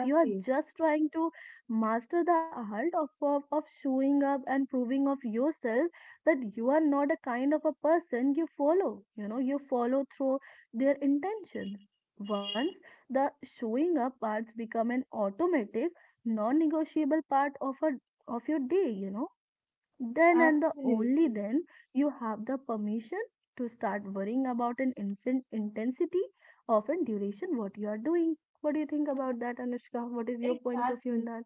you are just trying to master the art of, of of showing up and proving of yourself that you are not a kind of a person you follow, you know you follow through their intentions. Once the showing up parts become an automatic non-negotiable part of a of your day, you know then and the only
Absolutely.
then you have the permission to start worrying about an instant intensity of and duration what you are doing. What do you think about that, Anushka? What is your point of view in
Exactly.
that?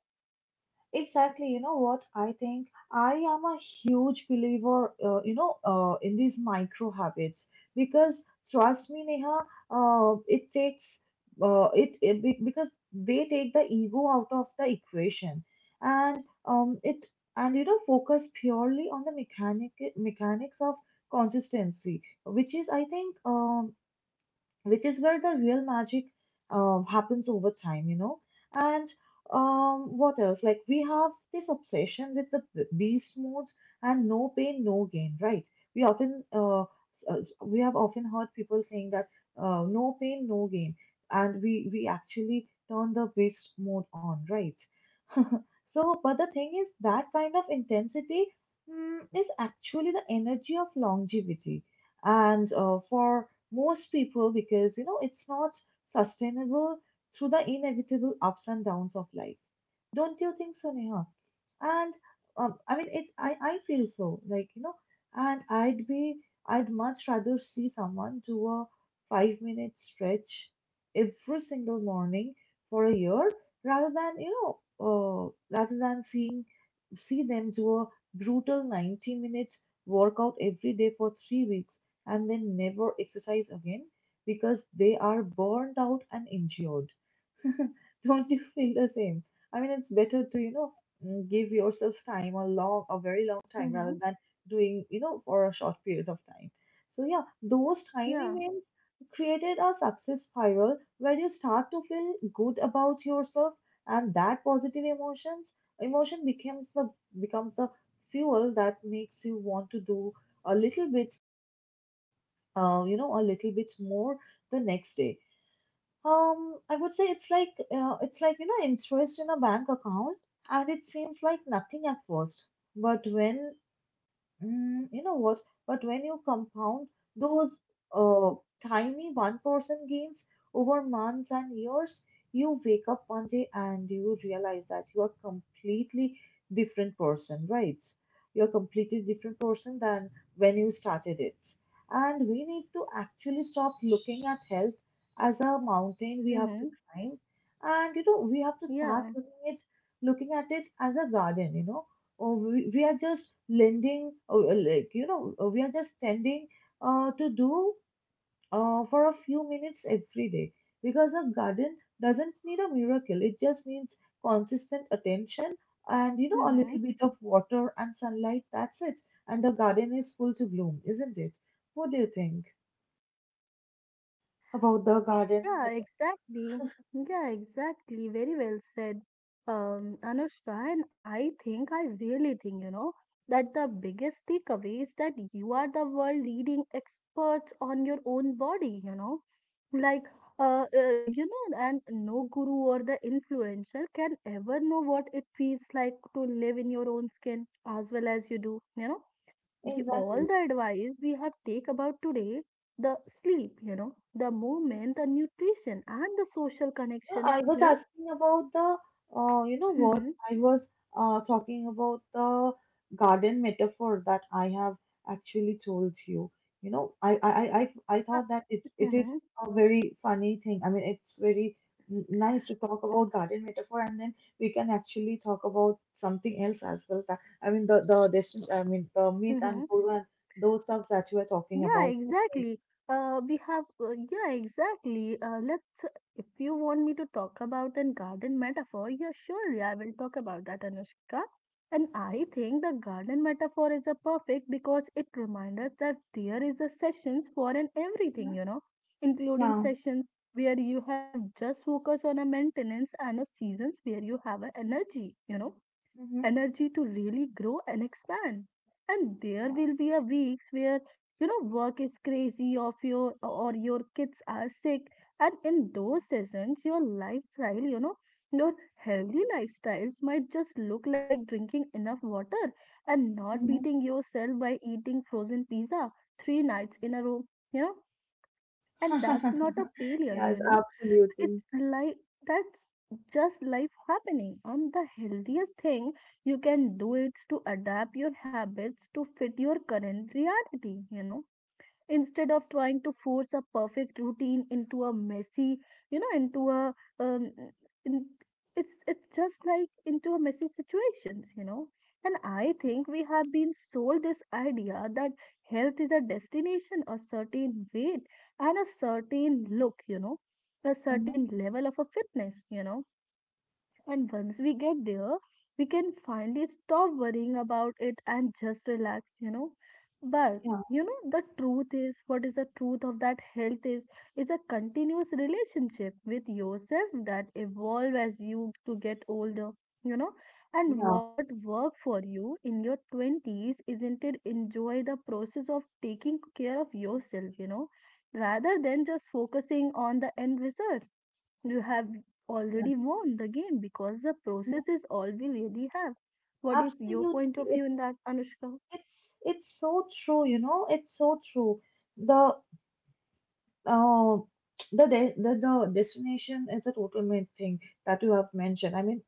Exactly, you know what I think? I am a huge believer, uh, you know, uh, in these micro habits, because trust me, Neha, uh, it takes uh, it, it be- because they take the ego out of the equation, and um, it and, you know, focus purely on the mechanic mechanics of consistency, which is, I think, um, which is where the real magic uh, happens over time, you know. And um, what else? Like, we have this obsession with the b- beast mode and no pain, no gain, right? We often, uh, s- uh, we have often heard people saying that uh, no pain, no gain, and we we actually turn the beast mode on, right? So, but the thing is that kind of intensity mm, is actually the energy of longevity, and uh, for most people, because you know, it's not sustainable through the inevitable ups and downs of life. Don't you think so, Neha? And um, I mean, it. I I feel so, like, you know, and I'd be I'd much rather see someone do a five minute stretch every single morning for a year rather than, you know, uh, rather than seeing see them do a brutal ninety minute workout every day for three weeks, and then never exercise again because they are burned out and injured. Don't you feel the same? I mean, it's better to, you know, mm, give yourself time, a long, a very long time,
Mm-hmm.
rather than doing, you know, for a short period of time. So yeah, those tiny
Yeah.
wins created a success spiral where you start to feel good about yourself, and that positive emotions emotion becomes the, becomes the fuel that makes you want to do a little bit, uh, you know, a little bit more the next day. Um, I would say it's like, uh, it's like you know, interest in a bank account, and it seems like nothing at first. But when, Mm, you know what? But when you compound those uh, tiny one percent gains over months and years, you wake up one day and you realize that you are completely different person, right? You're completely different person than when you started it. And we need to actually stop looking at health as a mountain we have to
Mm-hmm.
climb, and you know, we have to start
Yeah.
looking it looking at it as a garden. You know, uh, we, we are just lending uh, uh, like you know uh, we are just tending uh, to do uh, for a few minutes every day, because a garden doesn't need a miracle, it just needs consistent attention, and you know, a
Mm-hmm.
little bit of water and sunlight, that's it, and the garden is full to bloom, isn't it? What do you think about the garden
Yeah,
meta-,
exactly. Yeah, exactly. Very well said, um, Anushka. And I think, I really think, you know, that the biggest takeaway is that you are the world leading experts on your own body, you know. Like, uh, uh, you know, and no guru or the influencer can ever know what it feels like to live in your own skin as well as you do, you know y- all
exactly.
the advice we have take about today, the sleep, you know the movement, the nutrition, and the social
No,
connection,
I was
you know
asking about the, uh, you know what?
mm-hmm.
I was uh, talking about the garden metaphor that I have actually told you. You know, I I I I I
Uh,
thought that it it is
mhm,
a very funny thing. I mean, it's very n- nice to talk about garden metaphor, and then we can actually talk about something else as well. That, I mean, the the distance. I mean, the myth and
mhm.
guru and those stuff that you are talking
Yeah,
about. Okay.
exactly. Uh, we have, uh, yeah, exactly. Uh, let's, if you want me to talk about the garden metaphor, yeah, surely I will talk about that, Anushka. And I think the garden metaphor is a perfect because it reminds us that there is a sessions for an everything, you know, including
Yeah.
sessions where you have just focus on a maintenance and a seasons where you have a energy, you know
Mm-hmm.
energy to really grow and expand. And there will be a weeks where, you know work is crazy of your or your kids are sick, and in those seasons your lifestyle, you know your healthy lifestyles might just look like drinking enough water and not beating yourself by eating frozen pizza three nights in a row, you know and that's
Mm-hmm.
not a failure,
Yes,
you know. It's
absolutely.
like that's just life happening. And the healthiest thing you can do is to adapt your habits to fit your current reality, you know instead of trying to force a perfect routine into a messy, you know into a um, in, it's it's just like into a messy situations, you know and I think we have been sold this idea that health is a destination, a certain weight and a certain look, you know a
Mhm.
certain level of a fitness, you know and once we get there, we can finally stop worrying about it and just relax, you know. But
Yeah,
you know, the truth is what is the truth of that health is is a continuous relationship with yourself that evolve as you to get older, you know. And
yeah,
what worked for you in your twenties isn't it enjoy the process of taking care of yourself, you know, rather than just focusing on the end result. You have
exactly.
already won the game because the process is all we really have. What is your
Absolutely.
point of view
It's
in that, Anushka?
it's it's so true, you know, it's so true. The uh the, de the, the destination is a total main thing that you have mentioned. I mean,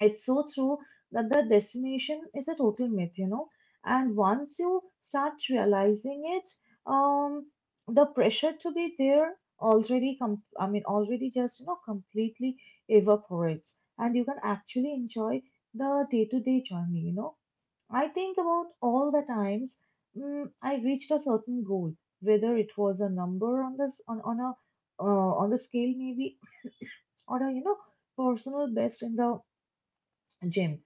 it's so true that the destination is a total myth, you know. And once you start realizing it, um, the pressure to be there already com- I mean, already just, you know, completely evaporates, and you can actually enjoy the day-to-day journey, you know. I think about all the times, mm, I reached a certain goal, whether it was a number on this on, on a uh, on the scale maybe, or a, you know, personal best in the gym,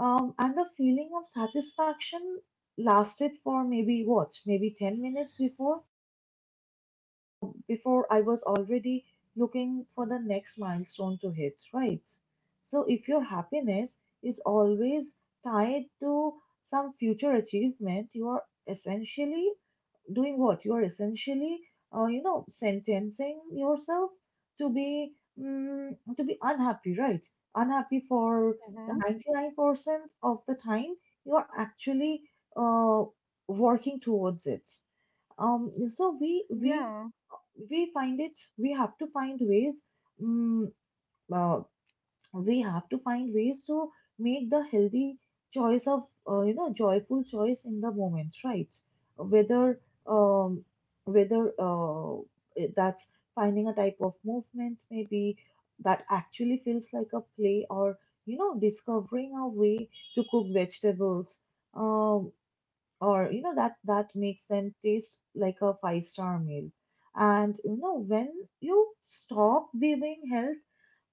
um, and the feeling of satisfaction lasted for maybe what, maybe ten minutes before, uh, before I was already looking for the next milestone to hit, right? So if your happiness is always tied to some future achievement, you are essentially doing what? You're essentially, uh, you know, sentencing yourself to be mm to be unhappy, right? Unhappy for the
Mm-hmm.
ninety-nine percent of the time you're actually uh, working towards it. Um, so we we
Yeah,
we find it. We have to find ways. Um, uh, we have to find ways to make the healthy choice of uh, you know joyful choice in the moment, right? Whether um whether uh, it- that's finding a type of movement maybe that actually feels like a play, or you know, discovering a way to cook vegetables um or you know that that makes them taste like a five star meal. And you know, when you stop viewing health,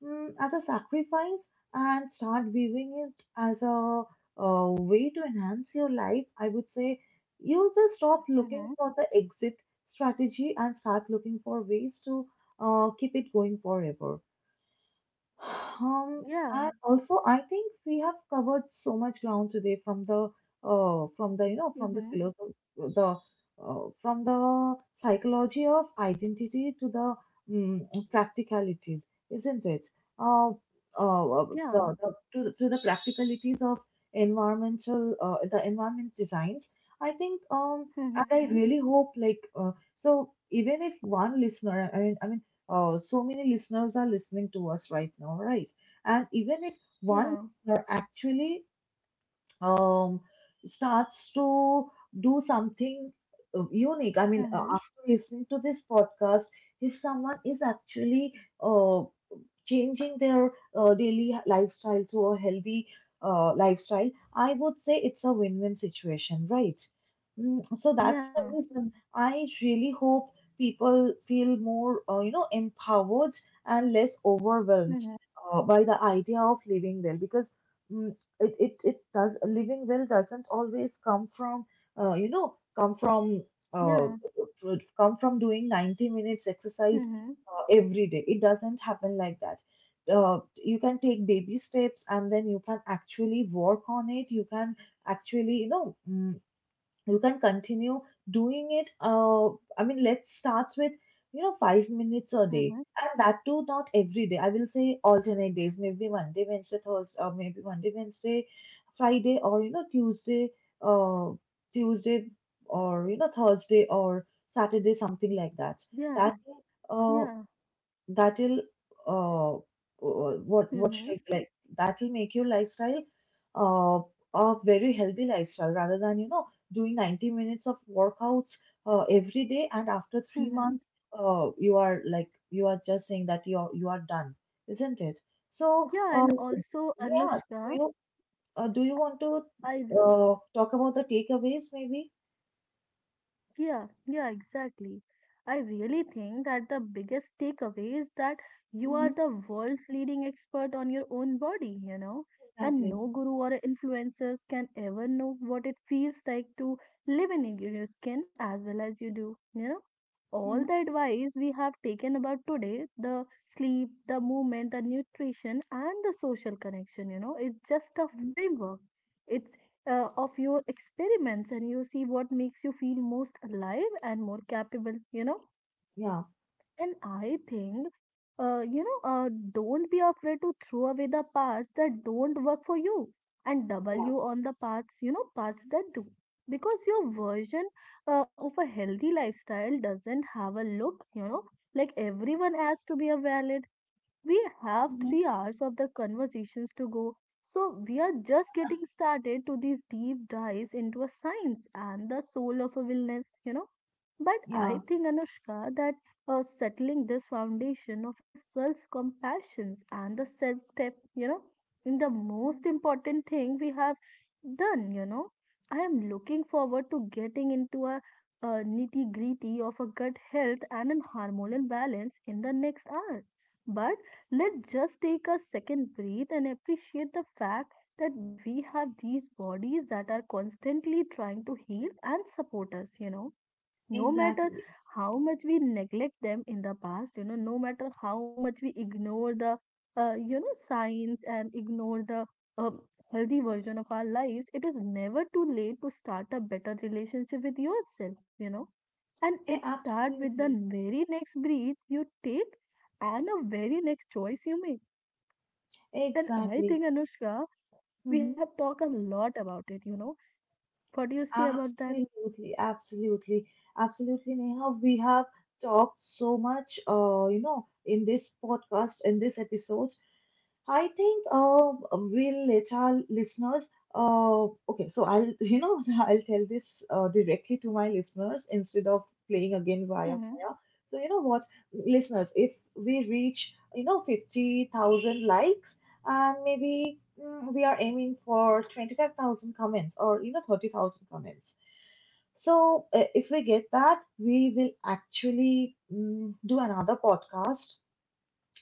mm, as a sacrifice and start viewing it as a, uh way to enhance your life, I would say you just stop looking
mm-hmm.
for the exit strategy and start looking for ways to uh, keep it going forever. Um, and
Yeah,
also, I think we have covered so much ground today, from the uh, from the you know from the
mm-hmm.
philosophy, the uh, from the psychology of identity to the um, practicalities, isn't it? Uh, uh, the,
Yeah,
the, to, the- to the practicalities of environmental uh, the environment designs. I think um, and I
mm-hmm.
really hope like uh, so even if one listener, I mean, I mean uh, so many listeners are listening to us right now, right? And even if one
Yeah,
listener actually um, starts to do something uh, unique. I mean, uh,
mm-hmm.
after listening to this podcast, if someone is actually uh, changing their uh, daily lifestyle to a healthy uh, lifestyle, I would say it's a win win situation, right? Mm, so that's the
Yeah,
reason I really hope people feel more, uh, you know, empowered and less overwhelmed
mm-hmm.
uh, by the idea of living well, because. mm, it it it does, living well doesn't always come from uh, you know come from uh,
yeah,
come from doing ninety minutes exercise
Mm-hmm.
uh, every day. It doesn't happen like that. Uh, you can take baby steps, and then you can actually work on it. You can actually you know mm, you can continue doing it. uh, I mean, let's start with you know, five minutes a day,
Mm-hmm.
and that too not every day. I will say alternate days, maybe Monday, Wednesday, Thursday, or maybe Monday, Wednesday, Friday, or you know, Tuesday, uh, Tuesday, or you know Thursday, or Saturday, something like that. that
Yeah,
uh,
yeah.
That'll uh uh, what what should
Mm-hmm.
I say, like that'll make your lifestyle uh a very healthy lifestyle, rather than you know doing ninety minutes of workouts uh, every day, and after three
Mm-hmm.
months uh you are like, you are just saying that you're you are done, isn't it? so
Yeah,
uh,
and also
yeah, do you
Anushka,
uh, do you want to
I
uh, talk about the takeaways, maybe?
yeah, yeah, exactly. I really think that the biggest takeaway is that you are
Mhm,
the world's leading expert on your own body, you know, and
exactly.
no guru or influencers can ever know what it feels like to live in your your skin as well as you do, you know. All
Mhm.
the advice we have taken about today, the sleep, the movement, the nutrition, and the social connection, you know, it's just a
Mhm.
framework. It's uh, of your experiments and you see what makes you feel most alive and more capable, you know
Yeah.
and I think uh, you know uh, don't be afraid to throw away the parts that don't work for you and double
Yeah.
you on the parts, you know parts that do, because your version uh, of a healthy lifestyle doesn't have a look, you know like everyone has to be a valid. We have
Mhm.
three hours of the conversations to go, so we are just getting started to these deep dives into a science and the soul of a wellness, you know. But I
Yeah.
think, Anushka, that uh, settling this foundation of a self compassion and the self step, you know, in the most
Mhm.
important thing we have done, you know. I am looking forward to getting into a, uh nitty gritty of a gut health and a hormonal balance in the next hour. But let's just take a second breathe and appreciate the fact that we have these bodies that are constantly trying to heal and support us, you know. No matter
Exactly.
how much we neglect them in the past, you know, no matter how much we ignore the, uh, you know, signs and ignore the um, healthy version of our lives, it is never too late to start a better relationship with yourself, you know. And it
Yeah,
starts with the
absolutely.
very next breath you take and the very next choice you make. And I
Exactly.
think, Anushka, we
Hmm.
have talked a lot about it, you know. What do you say about that?
Absolutely, absolutely, absolutely, Neha. We have talked so much, uh, you know, in this podcast, in this episode, I think uh, we'll let our listeners. Uh, okay, so I'll you know I'll tell this uh, directly to my listeners, instead of playing again via
Mm-hmm.
via. So you know what, listeners, if we reach you know fifty thousand likes, and maybe mm, we are aiming for twenty five thousand comments, or you know thirty thousand comments. So uh, if we get that, we will actually mm, do another podcast,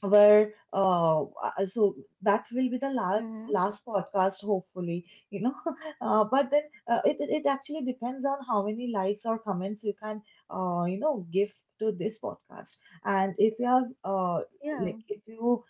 where uh, uh, so that will be the last
Mm-hmm.
last podcast hopefully, you know. Uh, but then uh, it, it it actually depends on how many likes or comments you can uh, you know give to this podcast. And if you have uh, like,
Yeah,
if you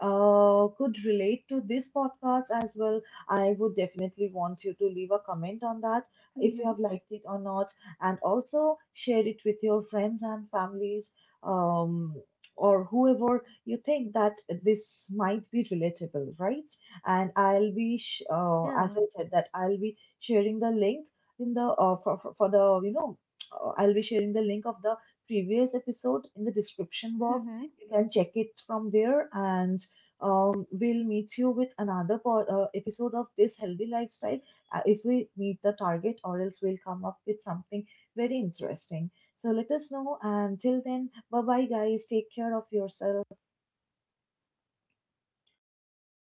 uh, could relate to this podcast as well, I would definitely want you to leave a comment on that, if you have
mm-hmm.
liked it or not, and also share it with your friends and families, um, or whoever you think that this might be relatable, right? And I'll be, sh- uh, as I
Yeah.
said, that I'll be sharing the link in the uh, for, for for the you know. uh, I'll be sharing the link of the previous episode in the description box.
Mm-hmm.
You can check it from there, and um, we'll meet you with another po- uh, episode of this healthy lifestyle, uh, if we meet the target, or else we'll come up with something very interesting. So let us know, and till then, bye bye, guys. Take care of yourself.